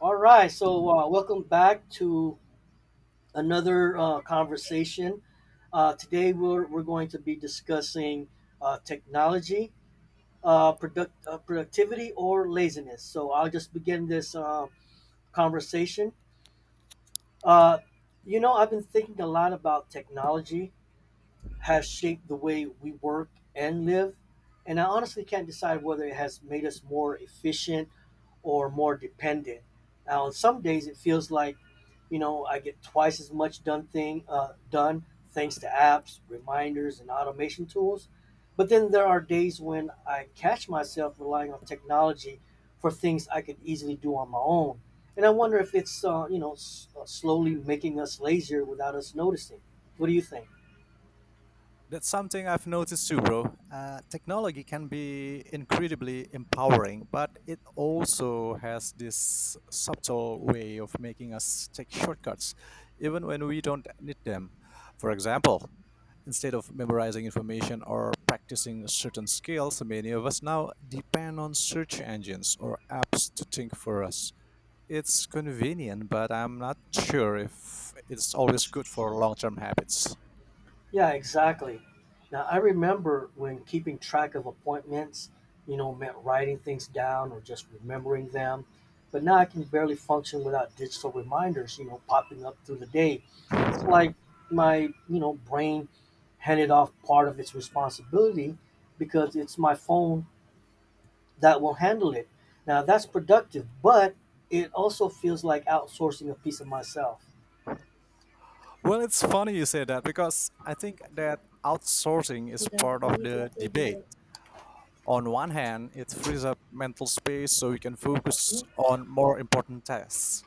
All right, welcome back to another conversation. Today we're going to be discussing technology, productivity, or laziness. So I'll just begin this conversation. Uh, I've been thinking a lot about technology has shaped the way we work and live, and I honestly can't decide whether it has made us more efficient or more dependent. Now, on some days it feels like, I get twice as much done thanks to apps, reminders, and automation tools. But then there are days when I catch myself relying on technology for things I could easily do on my own. And I wonder if it's slowly making us lazier without us noticing. What do you think? That's something I've noticed too, bro. Technology can be incredibly empowering, but it also has this subtle way of making us take shortcuts, even when we don't need them. For example, instead of memorizing information or practicing certain skills, many of us now depend on search engines or apps to think for us. It's convenient, but I'm not sure if it's always good for long term habits. Yeah, exactly. Now, I remember when keeping track of appointments, meant writing things down or just remembering them. But now I can barely function without digital reminders, popping up through the day. It's like my brain handed off part of its responsibility because it's my phone that will handle it. Now, that's productive, but it also feels like outsourcing a piece of myself. Well, it's funny you say that because I think that outsourcing is part of the debate. On one hand, it frees up mental space so we can focus on more important tasks,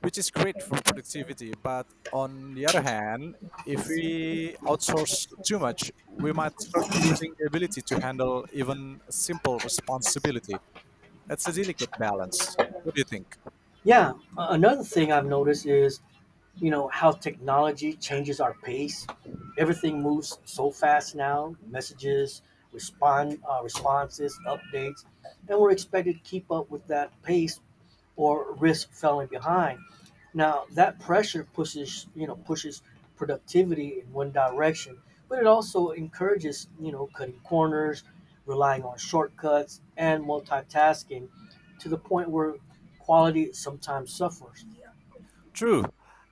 which is great for productivity. But on the other hand, if we outsource too much, we might start losing the ability to handle even simple responsibility. It's a delicate balance. What do you think? Yeah, another thing I've noticed is how technology changes our pace. Everything moves so fast now. Messages, respond responses, updates, and we're expected to keep up with that pace or risk falling behind. Now that pressure pushes you know pushes productivity in one direction, but it also encourages, cutting corners, relying on shortcuts and multitasking to the point where quality sometimes suffers. True,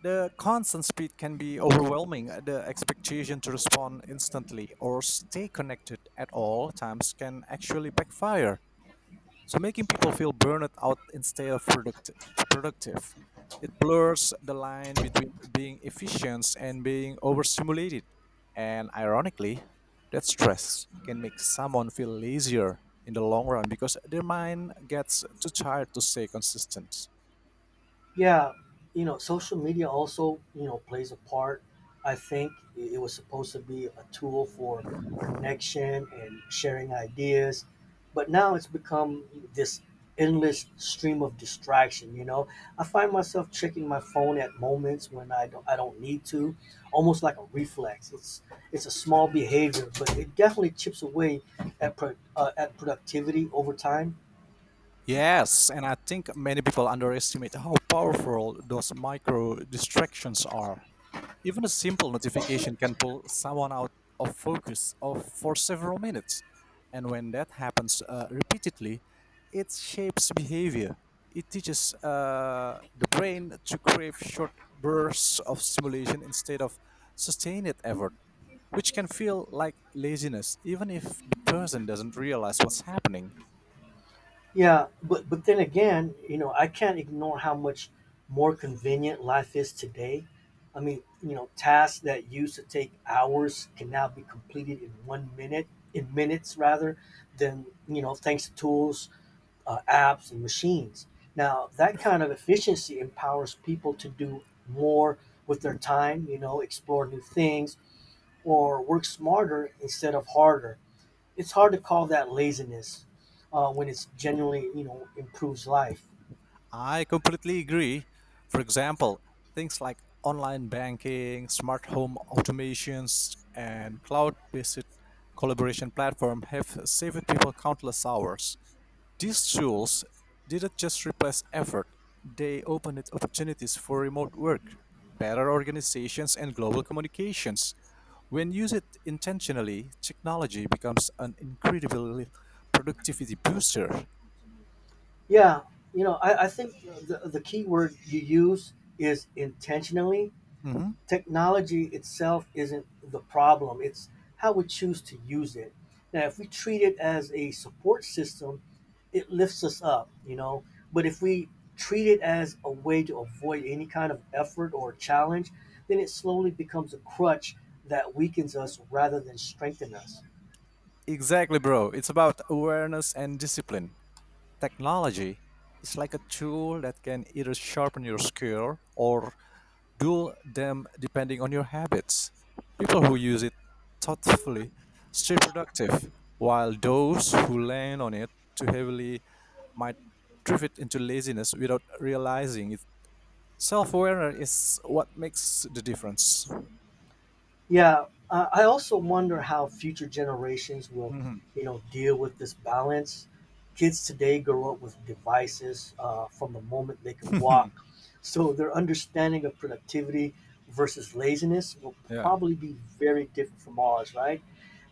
the constant speed can be overwhelming. The expectation to respond instantly or stay connected at all times can actually backfire. So, making people feel burned out instead of productive. It blurs the line between being efficient and being overstimulated. And ironically, that stress can make someone feel lazier in the long run because their mind gets too tired to stay consistent. Yeah, social media also, plays a part. I think it was supposed to be a tool for connection and sharing ideas, but now it's become this endless stream of distraction. I find myself checking my phone at moments when I don't need to, almost like a reflex. It's a small behavior, but it definitely chips away at at productivity over time. Yes, and I think many people underestimate how powerful those micro distractions are. Even a simple notification can pull someone out of focus of for several minutes. And when that happens repeatedly, it shapes behavior. It teaches the brain to crave short bursts of stimulation instead of sustained effort, which can feel like laziness, even if the person doesn't realize what's happening. Yeah, but then again, I can't ignore how much more convenient life is today. I mean, tasks that used to take hours can now be completed in 1 minute, in minutes rather, than thanks to tools, apps, and machines. Now, that kind of efficiency empowers people to do more with their time. You know, explore new things or work smarter instead of harder. It's hard to call that laziness when it's genuinely improves life. I completely agree. For example, things like online banking, smart home automations, and cloud based collaboration platform have saved people countless hours. These tools didn't just replace effort, they opened opportunities for remote work, better organizations, and global communications. When used intentionally, technology becomes an incredible productivity booster. yeah I think the key word you use is intentionally. Mhm. Technology itself isn't the problem. It's how we choose to use it. Now if we treat it as a support system, it lifts us up, but if we treat it as a way to avoid any kind of effort or challenge, then it slowly becomes a crutch that weakens us rather than strengthen us. Exactly, bro. It's about awareness and discipline. Technology is like a tool that can either sharpen your skill or dull them depending on your habits. People who use it thoughtfully stay productive, while those who lean on it too heavily might drift into laziness without realizing it. Self awareness is what makes the difference. Yeah, I also wonder how future generations will, Mhm. Deal with this balance. Kids today grow up with devices from the moment they can walk, so their understanding of productivity versus laziness will Yeah. probably be very different from ours, right?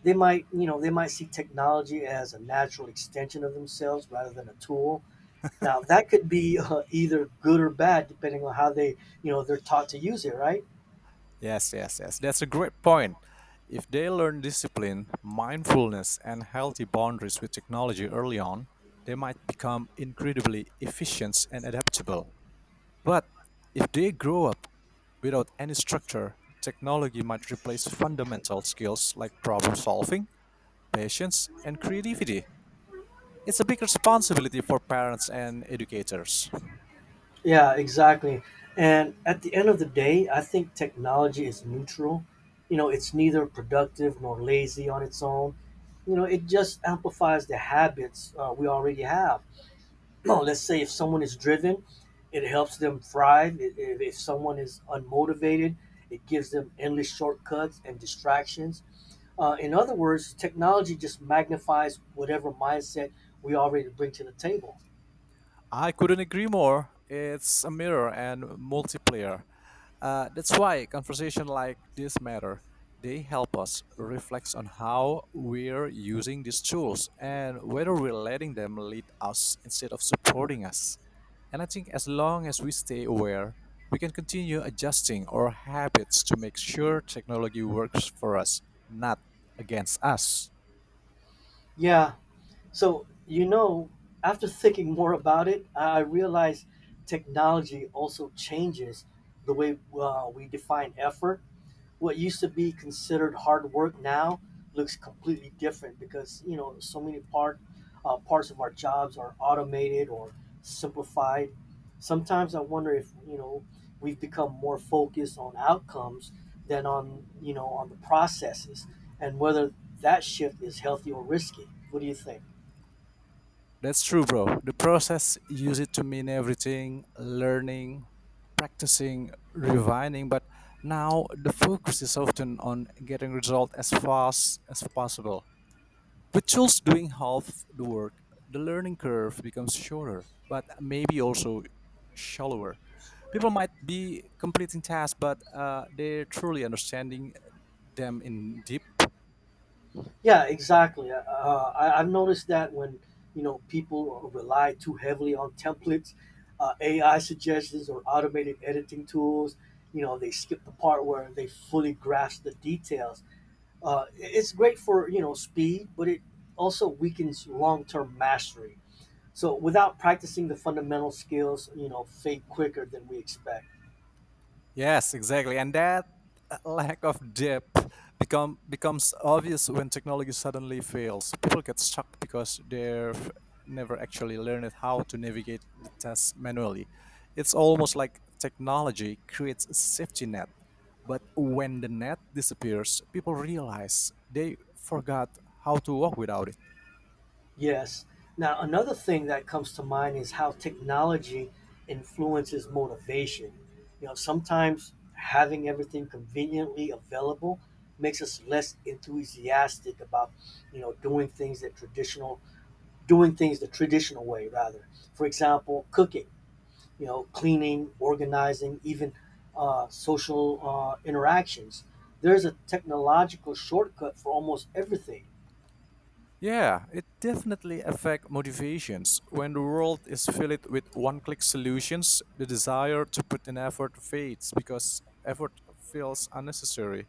They might, they might see technology as a natural extension of themselves rather than a tool. Now, that could be either good or bad depending on how they're taught to use it, right? Yes, yes, yes. That's a great point. If they learn discipline, mindfulness, and healthy boundaries with technology early on, they might become incredibly efficient and adaptable. But if they grow up without any structure, technology might replace fundamental skills like problem solving, patience, and creativity. It's a big responsibility for parents and educators. Yeah, exactly. And at the end of the day, I think technology is neutral. You know, it's neither productive nor lazy on its own. You know, it just amplifies the habits we already have. Let's say if someone is driven, it helps them thrive. If someone is unmotivated, it gives them endless shortcuts and distractions. In other words, technology just magnifies whatever mindset we already bring to the table. I couldn't agree more. It's a mirror and multiplayer. That's why conversation like this matter. They help us reflect on how we're using these tools and whether we're letting them lead us instead of supporting us. And I think as long as we stay aware, we can continue adjusting our habits to make sure technology works for us, not against us. Yeah. So, after thinking more about it, I realized technology also changes the way we define effort. What used to be considered hard work now looks completely different because, so many part parts of our jobs are automated or simplified. Sometimes I wonder if, we've become more focused on outcomes than on, on the processes and whether that shift is healthy or risky. What do you think? That's true, bro. The process used it to mean everything learning, practicing, refining. But now the focus is often on getting result as fast as possible. With tools doing half the work, the learning curve becomes shorter, but maybe also shallower. People might be completing tasks, but they're truly understanding them in deep. Yeah, exactly. I've noticed that when people rely too heavily on templates, AI suggestions, or automated editing tools, they skip the part where they fully grasp the details. It's great for speed, but it also weakens long-term mastery. So without practicing the fundamental skills, fade quicker than we expect. Yes, exactly. And that lack of depth becomes obvious when technology suddenly fails. People get stuck because they've never actually learned how to navigate the task manually. It's almost like technology creates a safety net, but when the net disappears, people realize they forgot how to walk without it. Yes. Now, another thing that comes to mind is how technology influences motivation. You know, sometimes having everything conveniently available makes us less enthusiastic about, you know, doing things that traditional doing things the traditional way rather. For example, cooking, cleaning, organizing, even social interactions. There's a technological shortcut for almost everything. Yeah, it definitely affects motivations. When the world is filled with one-click solutions, the desire to put in effort fades because effort feels unnecessary.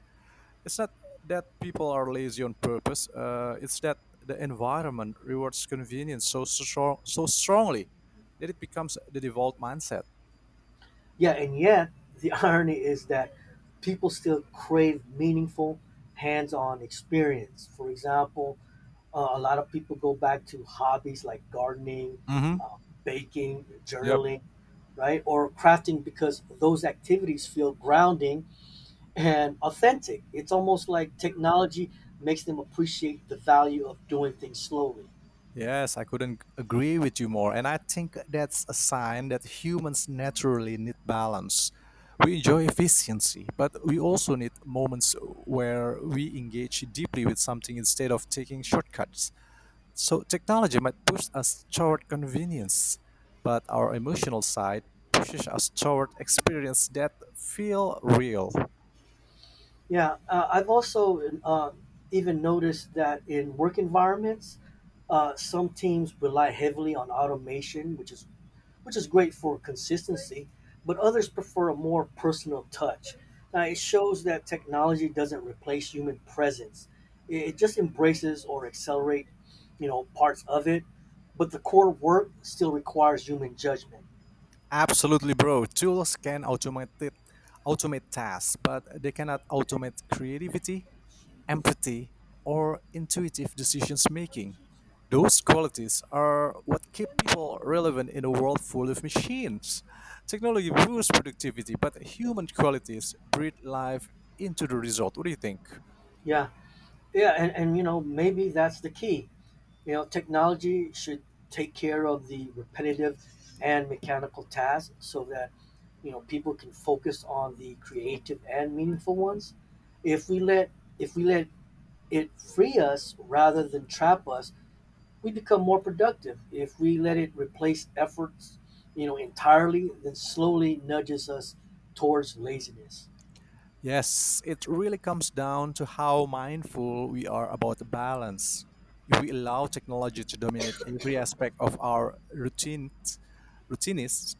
It's not that people are lazy on purpose. It's that the environment rewards convenience so strong, so strongly that it becomes the default mindset. Yeah, and yet the irony is that people still crave meaningful, hands-on experience. For example, a lot of people go back to hobbies like gardening, Mm-hmm. Baking, Yep. journaling, right, or crafting because those activities feel grounding and authentic. It's almost like technology makes them appreciate the value of doing things slowly. Yes, I couldn't agree with you more. And I think that's a sign that humans naturally need balance. We enjoy efficiency, but we also need moments where we engage deeply with something instead of taking shortcuts. So technology might push us toward convenience, but our emotional side pushes us toward experience that feel real. Yeah, I've also even noticed that in work environments, some teams rely heavily on automation, which is great for consistency, but others prefer a more personal touch. Now, it shows that technology doesn't replace human presence; it just embraces or accelerate, parts of it. But the core work still requires human judgment. Absolutely, bro. Tools can automate it, automate tasks, but they cannot automate creativity, empathy, or intuitive decision making. Those qualities are what keep people relevant in a world full of machines. Technology boosts productivity, but human qualities breathe life into the result. What do you think? Yeah, yeah, and you know maybe that's the key. You know, technology should take care of the repetitive and mechanical tasks so that, people can focus on the creative and meaningful ones. If we let if we let it free us rather than trap us, we become more productive. If we let it replace efforts, entirely, then slowly nudges us towards laziness. Yes, it really comes down to how mindful we are about the balance. If we allow technology to dominate every aspect of our routines,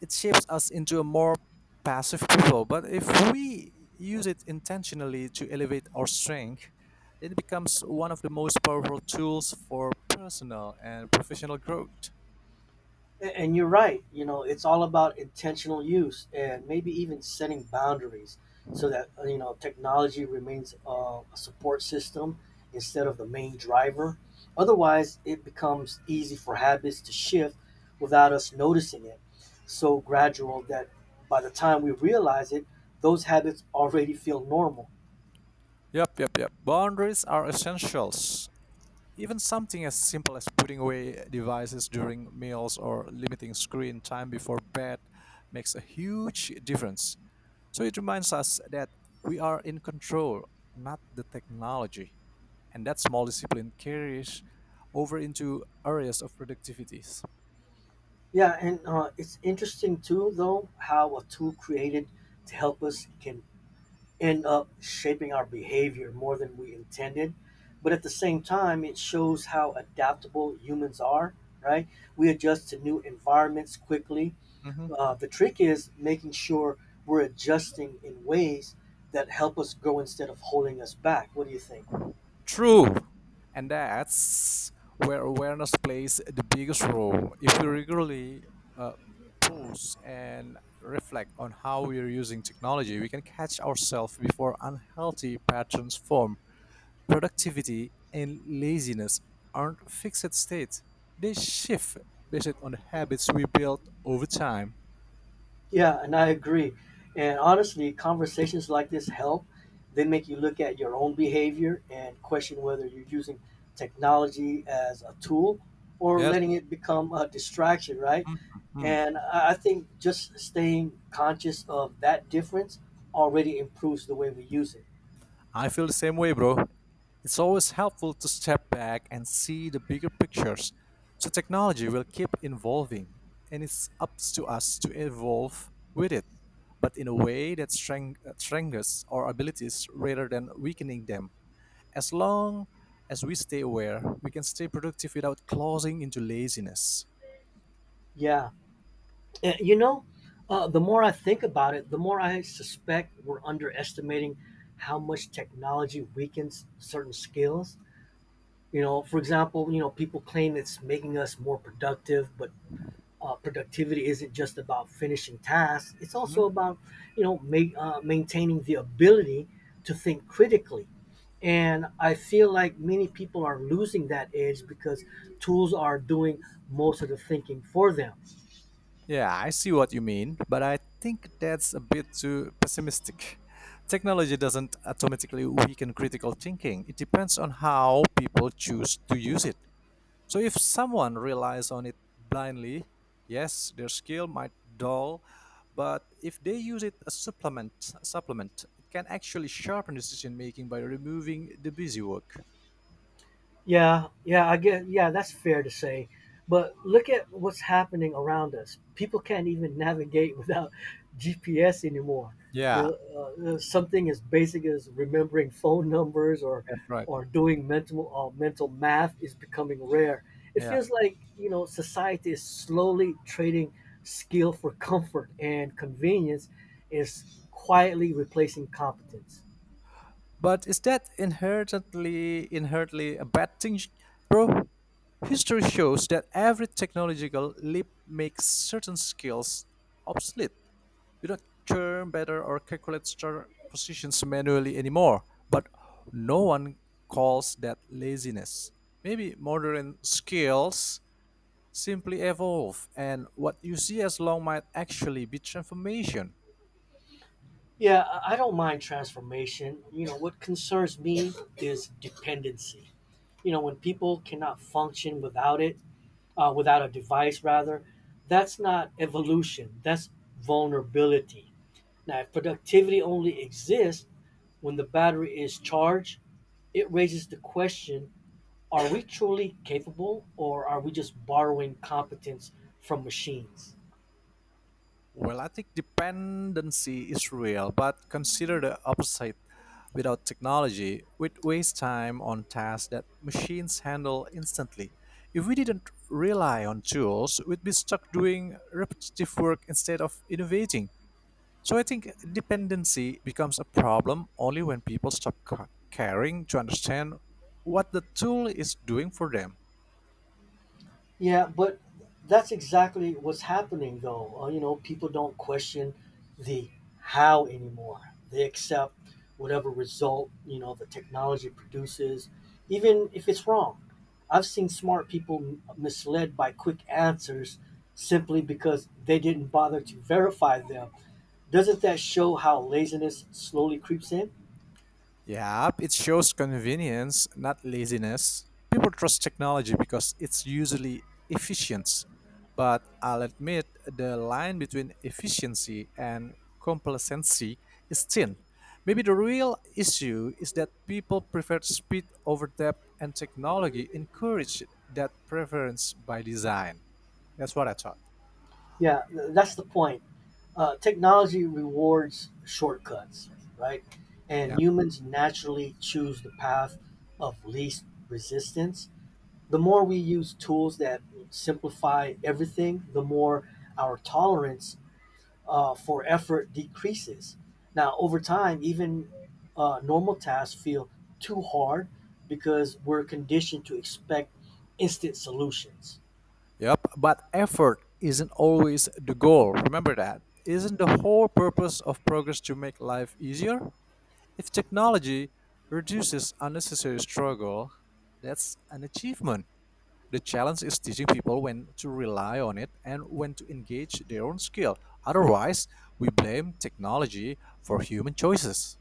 it shapes us into a more passive people, but if we use it intentionally to elevate our strength, then it becomes one of the most powerful tools for personal and professional growth. And you're right. You know, it's all about intentional use and maybe even setting boundaries so that, technology remains a support system instead of the main driver. Otherwise, it becomes easy for habits to shift without us noticing it. So gradual that by the time we realize it, those habits already feel normal. Yep, yep, yep. Boundaries are essentials. Even something as simple as putting away devices during meals or limiting screen time before bed makes a huge difference. So it reminds us that we are in control, not the technology. And that small discipline carries over into areas of productivities. Yeah, and it's interesting too, though, how a tool created to help us can end up shaping our behavior more than we intended. But at the same time, it shows how adaptable humans are, right? We adjust to new environments quickly. Mhm. The trick is making sure we're adjusting in ways that help us grow instead of holding us back. What do you think? True. And that's where awareness plays the biggest role. If we regularly uh, pause and reflect on how we are using technology, we can catch ourselves before unhealthy patterns form. Productivity and laziness aren't fixed states, they shift based on the habits we build over time. Yeah, and I agree. And honestly, conversations like this help. They make you look at your own behavior and question whether you're using technology as a tool or Yes, letting it become a distraction, right? Mhm. And I think just staying conscious of that difference already improves the way we use it. I feel the same way, bro. It's always helpful to step back and see the bigger pictures. So, technology will keep evolving, and it's up to us to evolve with it, but in a way that strengthens our abilities rather than weakening them. As long as we stay aware, we can stay productive without closing into laziness. Yeah. And, the more I think about it, the more I suspect we're underestimating how much technology weakens certain skills. You know, for example, people claim it's making us more productive, but productivity isn't just about finishing tasks. It's also Hmm? about, maintaining the ability to think critically. And I feel like many people are losing that edge because tools are doing most of the thinking for them. Yeah, I see what you mean, but I think that's a bit too pessimistic. Technology doesn't automatically weaken critical thinking. It depends on how people choose to use it. So if someone relies on it blindly, yes, their skill might dull, but if they use it as supplement, it can actually sharpen decision making by removing the busy work. Yeah, yeah, I get. Yeah, that's fair to say. But look at what's happening around us. People can't even navigate without GPS anymore. You Yeah, know, something as basic as remembering phone numbers or That's right. Doing mental math is becoming rare. It Yeah. feels like society is slowly trading skill for comfort, and convenience is quietly replacing competence. But is that inherently a bad thing, bro? History shows that every technological leap makes certain skills obsolete. We don't turn better or calculate star positions manually anymore. But no one calls that laziness. Maybe modern skills simply evolve, and what you see as long might actually be transformation. Yeah, I don't mind transformation. You know, what concerns me is dependency. You know, when people cannot function without it, without a device, rather, that's not evolution, that's vulnerability. Now, if productivity only exists when the battery is charged, it raises the question, are we truly capable or are we just borrowing competence from machines? Well, I think dependency is real, but consider the opposite. Without technology, we'd waste time on tasks that machines handle instantly. If we didn't rely on tools, we'd be stuck doing repetitive work instead of innovating. So I think dependency becomes a problem only when people stop caring to understand what the tool is doing for them. Yeah, but that's exactly what's happening, though. You know, people don't question the how anymore. They accept whatever result the technology produces, even if it's wrong. I've seen smart people misled by quick answers simply because they didn't bother to verify them. Doesn't that show how laziness slowly creeps in? Yep, it shows convenience, not laziness. People trust technology because it's usually efficient. But I'll admit the line between efficiency and complacency is thin. Maybe the real issue is that people prefer speed over depth, and technology encourage that preference by design. That's what I thought. Yeah, that's the point. Uh, technology rewards shortcuts, right? Yeah. And humans naturally choose the path of least resistance. The more we use tools that simplify everything, the more our tolerance for effort decreases. Now, over time, even normal tasks feel too hard because we're conditioned to expect instant solutions. Yep, but effort isn't always the goal. Remember that. Isn't the whole purpose of progress to make life easier? If technology reduces unnecessary struggle, that's an achievement. The challenge is teaching people when to rely on it and when to engage their own skill. Otherwise, we blame technology for human choices.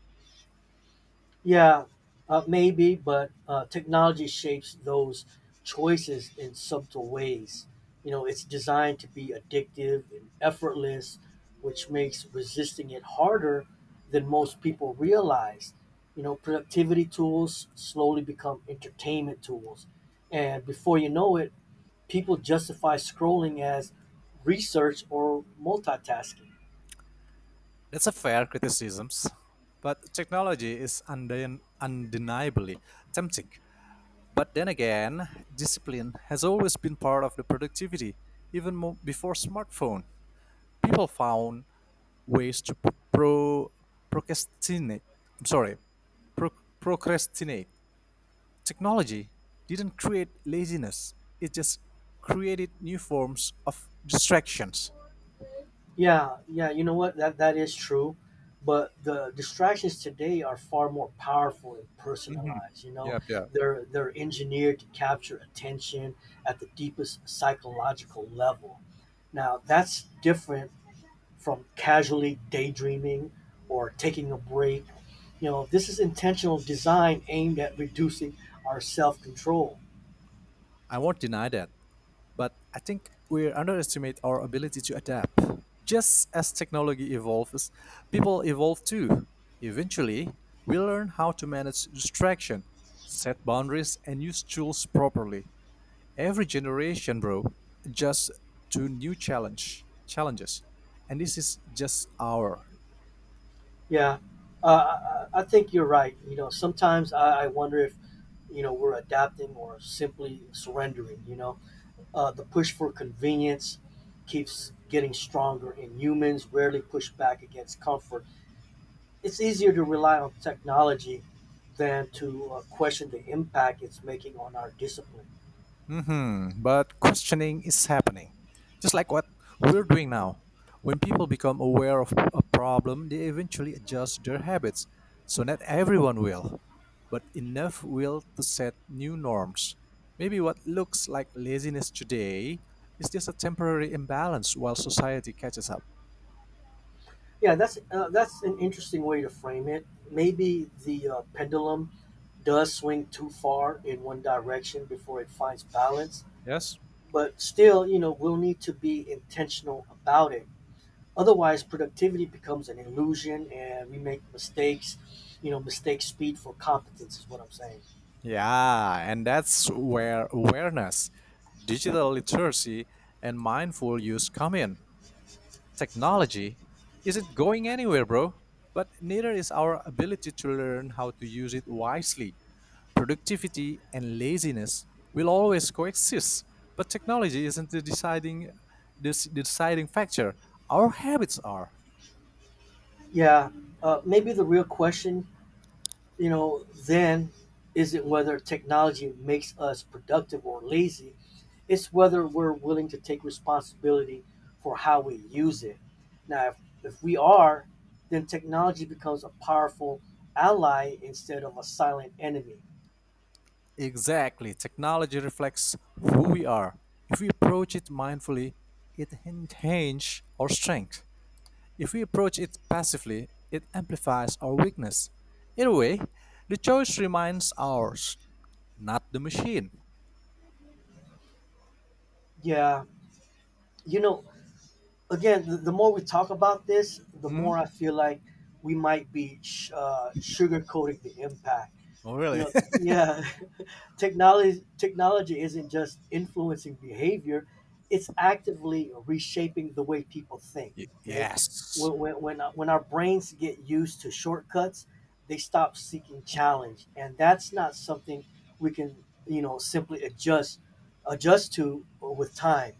Yeah, maybe, but technology shapes those choices in subtle ways. You know, it's designed to be addictive and effortless, which makes resisting it harder than most people realize. You know, productivity tools slowly become entertainment tools. And before you know it, people justify scrolling as research or multitasking. That's a fair criticism, but technology is undeniably tempting. But then again, discipline has always been part of the productivity, even before smartphone. People found ways to procrastinate. I'm sorry, pro- procrastinate. Technology didn't create laziness; it just created new forms of distractions. Yeah, yeah, you know what? That is true, but the distractions today are far more powerful and Mhm. personalized, you know. Yep, yeah. They're engineered to capture attention at the deepest psychological level. Now, that's different from casually daydreaming or taking a break. You know, this is intentional design aimed at reducing our self-control. I won't deny that. But I think we underestimate our ability to adapt. Just as technology evolves, people evolve too. Eventually, we learn how to manage distraction, set boundaries, and use tools properly. Every generation, bro, adjusts to new challenges, and this is just our Yeah, I think you're right. You know, sometimes I wonder if you know we're adapting or simply surrendering. You know, the push for convenience keeps getting stronger, and humans rarely push back against comfort. It's easier to rely on technology than to question the impact it's making on our discipline. hmm But questioning is happening. Just like what we're doing now. When people become aware of a problem, they eventually adjust their habits. So not everyone will, but enough will to set new norms. Maybe what looks like laziness today is just a temporary imbalance while society catches up. Yeah, that's an interesting way to frame it. Maybe the pendulum does swing too far in one direction before it finds balance. Yes? But still, you know, we'll need to be intentional about it. Otherwise, productivity becomes an illusion and we make mistakes. You know, mistake speed for competence is what I'm saying. Yeah, and that's where awareness, digital literacy, and mindful use come in. Technology isn't going anywhere, bro, but neither is our ability to learn how to use it wisely. Productivity and laziness will always coexist, but technology isn't the deciding factor. Our habits are. Yeah. Maybe the real question, you know, then isn't whether technology makes us productive or lazy, it's whether we're willing to take responsibility for how we use it. Now, if we are, then technology becomes a powerful ally instead of a silent enemy. Exactly. Technology reflects who we are. If we approach it mindfully, it enhances our strength. If we approach it passively, it amplifies our weakness. In a way, the choice remains ours, not the machine. Yeah, you know, again, the more we talk about this, the Hmm? more I feel like we might be sugarcoating the impact. Oh, You really? know, yeah, technology isn't just influencing behavior; it's actively reshaping the way people think. Okay, Yes. when when our brains get used to shortcuts, they stop seeking challenge, and that's not something we can you know simply adjust to with time.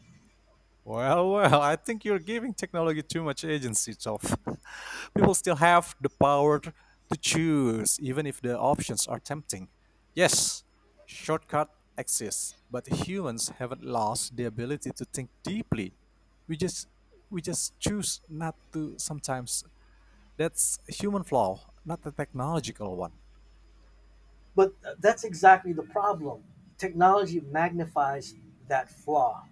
Well, I think you're giving technology too much agency, Toph. People still have the power to choose, even if the options are tempting. Yes, shortcut exists, but humans haven't lost the ability to think deeply. We just we just choose not to sometimes. That's a human flaw, not a technological one. But that's exactly the problem. Technology magnifies that flaw.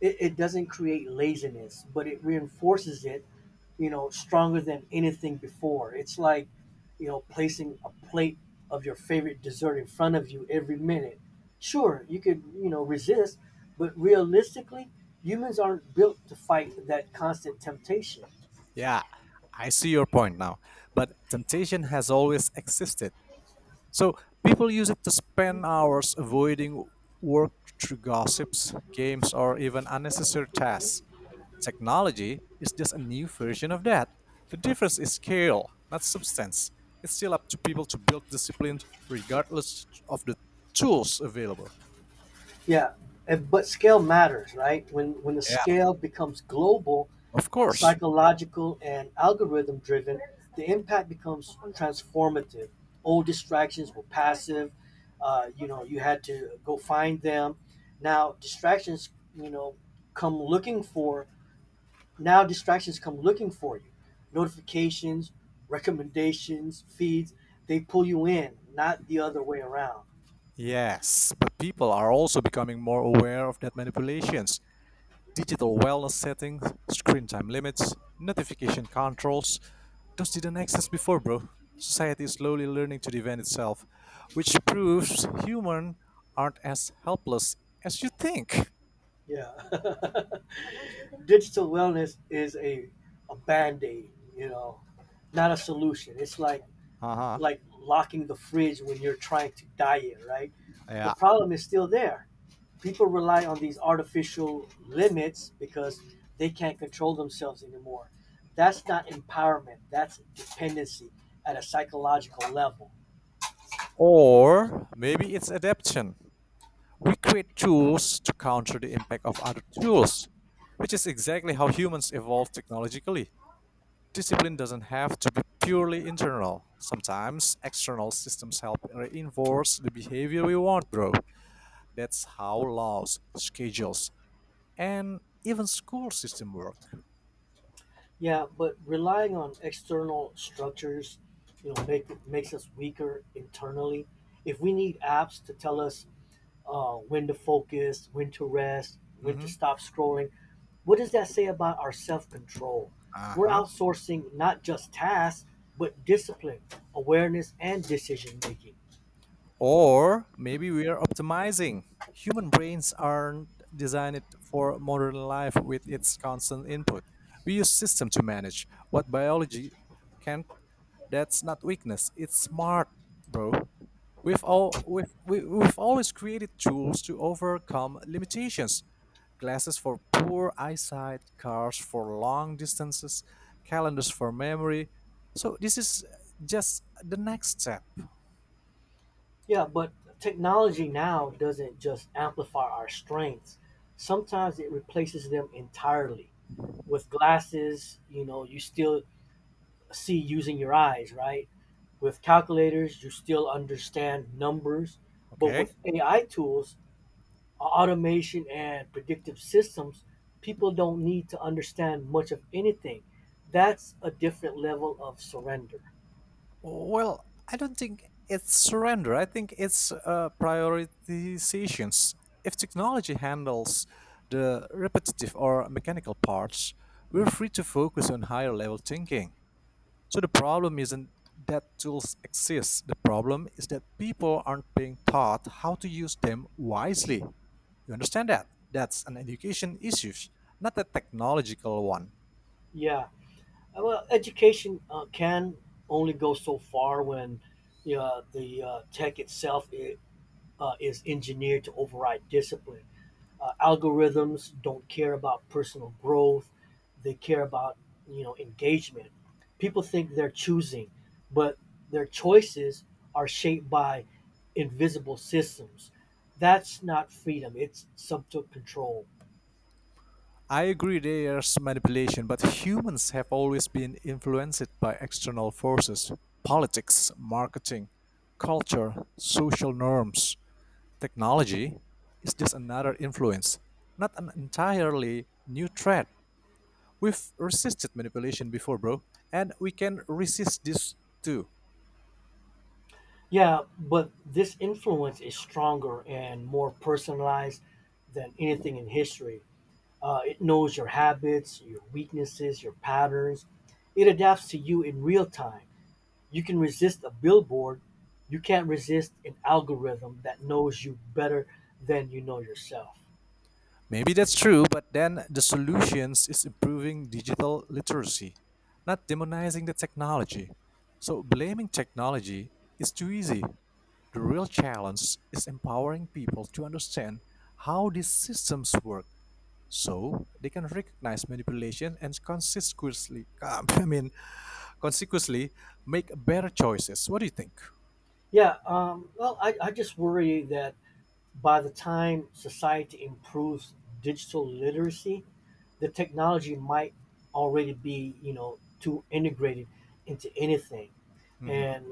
It doesn't create laziness, but it reinforces it, you know, stronger than anything before. It's like, you know, placing a plate of your favorite dessert in front of you every minute. Sure, you could, you know, resist, but realistically, humans aren't built to fight that constant temptation. Yeah, I see your point now. But temptation has always existed. So people use it to spend hours avoiding work through gossips, games, or even unnecessary tasks. Technology is just a new version of that. The difference is scale, not substance. It's still up to people to build discipline regardless of the tools available. Yeah, and, but scale matters, right? When the Yeah, scale becomes global, of course. psychological and algorithm-driven, the impact becomes transformative. Old distractions were passive. You know, you had to go find them. Now distractions, you know, come looking for. Now distractions come looking for you. Notifications, recommendations, feeds. They pull you in, not the other way around. Yes, but people are also becoming more aware of that manipulations. Digital wellness settings, screen time limits, notification controls, those didn't exist before, bro. Society is slowly learning to defend itself, which proves humans aren't as helpless as you think. Yeah. Digital wellness is a band aid, you know, not a solution. It's like Uh-huh. Locking the fridge when you're trying to diet, right? The Yeah. problem is still there. People rely on these artificial limits because they can't control themselves anymore. That's not empowerment, that's dependency at a psychological level. Or maybe it's adaptation. We create tools to counter the impact of other tools, which is exactly how humans evolve technologically. Discipline doesn't have to be purely internal. Sometimes external systems help reinforce the behavior we want, bro. That's how laws, schedules, and even school system work. Yeah, but relying on external structures, you know, makes us weaker internally. If we need apps to tell us when to focus, when to rest, when to Mm-hmm. stop scrolling. What does that say about our self control? We're Uh-huh. outsourcing not just tasks, but discipline, awareness, and decision making. Or maybe we are optimizing. Human brains aren't designed for modern life with its constant input. We use system to manage what biology can't. That's not weakness. It's smart, bro. We've all we've, we, we've always created tools to overcome limitations. Glasses for poor eyesight, cars for long distances, calendars for memory. So this is just the next step. Yeah, but technology now doesn't just amplify our strengths, sometimes it replaces them entirely. With glasses, you know, you still see using your eyes, right? With calculators, you still understand numbers. But Okay. with AI tools, automation and predictive systems, people don't need to understand much of anything. That's a different level of surrender. Well, I don't think it's surrender. I think it's prioritizations. If technology handles the repetitive or mechanical parts, we're free to focus on higher level thinking. So the problem isn't that tools exist. The problem is that people aren't being taught how to use them wisely. You understand that? That's an education issue, not a technological one. Yeah. Well, education can only go so far when you know, the tech itself I is engineered to override discipline. Algorithms don't care about personal growth; they care about you know engagement. People think they're choosing, but their choices are shaped by invisible systems. That's not freedom; it's subtle control. I agree there's manipulation, but humans have always been influenced by external forces politics, marketing, culture, social norms, technology. Is just another influence, not an entirely new threat? We've resisted manipulation before, bro, and we can resist this too. Yeah, but this influence is stronger and more personalized than anything in history. It knows your habits, your weaknesses, your patterns. It adapts to you in real time. You can resist a billboard, you can't resist an algorithm that knows you better than you know yourself. Maybe that's true, but then the solutions is improving digital literacy, not demonizing the technology. So blaming technology is too easy. The real challenge is empowering people to understand how these systems work so they can recognize manipulation and consequently I mean consequently make better choices. What do you think? Yeah, well, I just worry that by the time society improves digital literacy, the technology might already be, you know, too integrated into anything. Mhm. And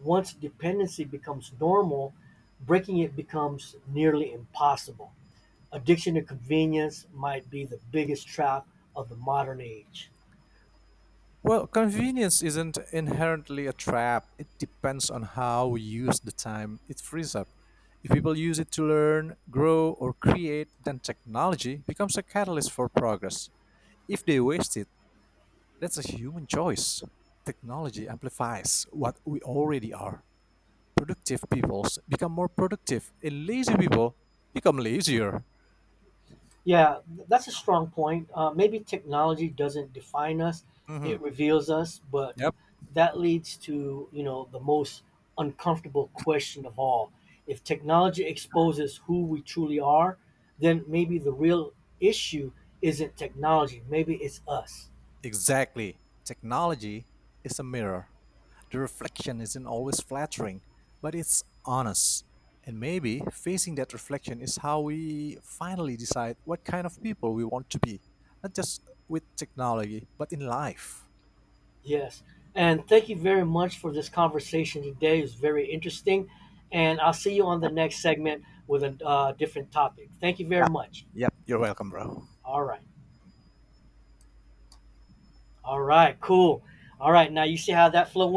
once dependency becomes normal, breaking it becomes nearly impossible. Addiction to convenience might be the biggest trap of the modern age. Well, convenience isn't inherently a trap. It depends on how we use the time it frees up. If people use it to learn, grow, or create, then technology becomes a catalyst for progress. If they waste it, that's a human choice. Technology amplifies what we already are. Productive people become more productive, and lazy people become lazier. Yeah, that's a strong point. Maybe technology doesn't define us; Hmm. it reveals us. But Yep, that leads to you know the most uncomfortable question of all: if technology exposes who we truly are, then maybe the real issue isn't technology. Maybe it's us. exactly. Technology is a mirror. The reflection isn't always flattering, but it's honest. And maybe facing that reflection is how we finally decide what kind of people we want to be, not just with technology, but in life. Yes. And thank you very much for this conversation today. It's very interesting. And I'll see you on the next segment with a different topic. Thank you very Yep. much. Yep. You're welcome, bro. All right. All right. Cool. All right. Now you see how that flow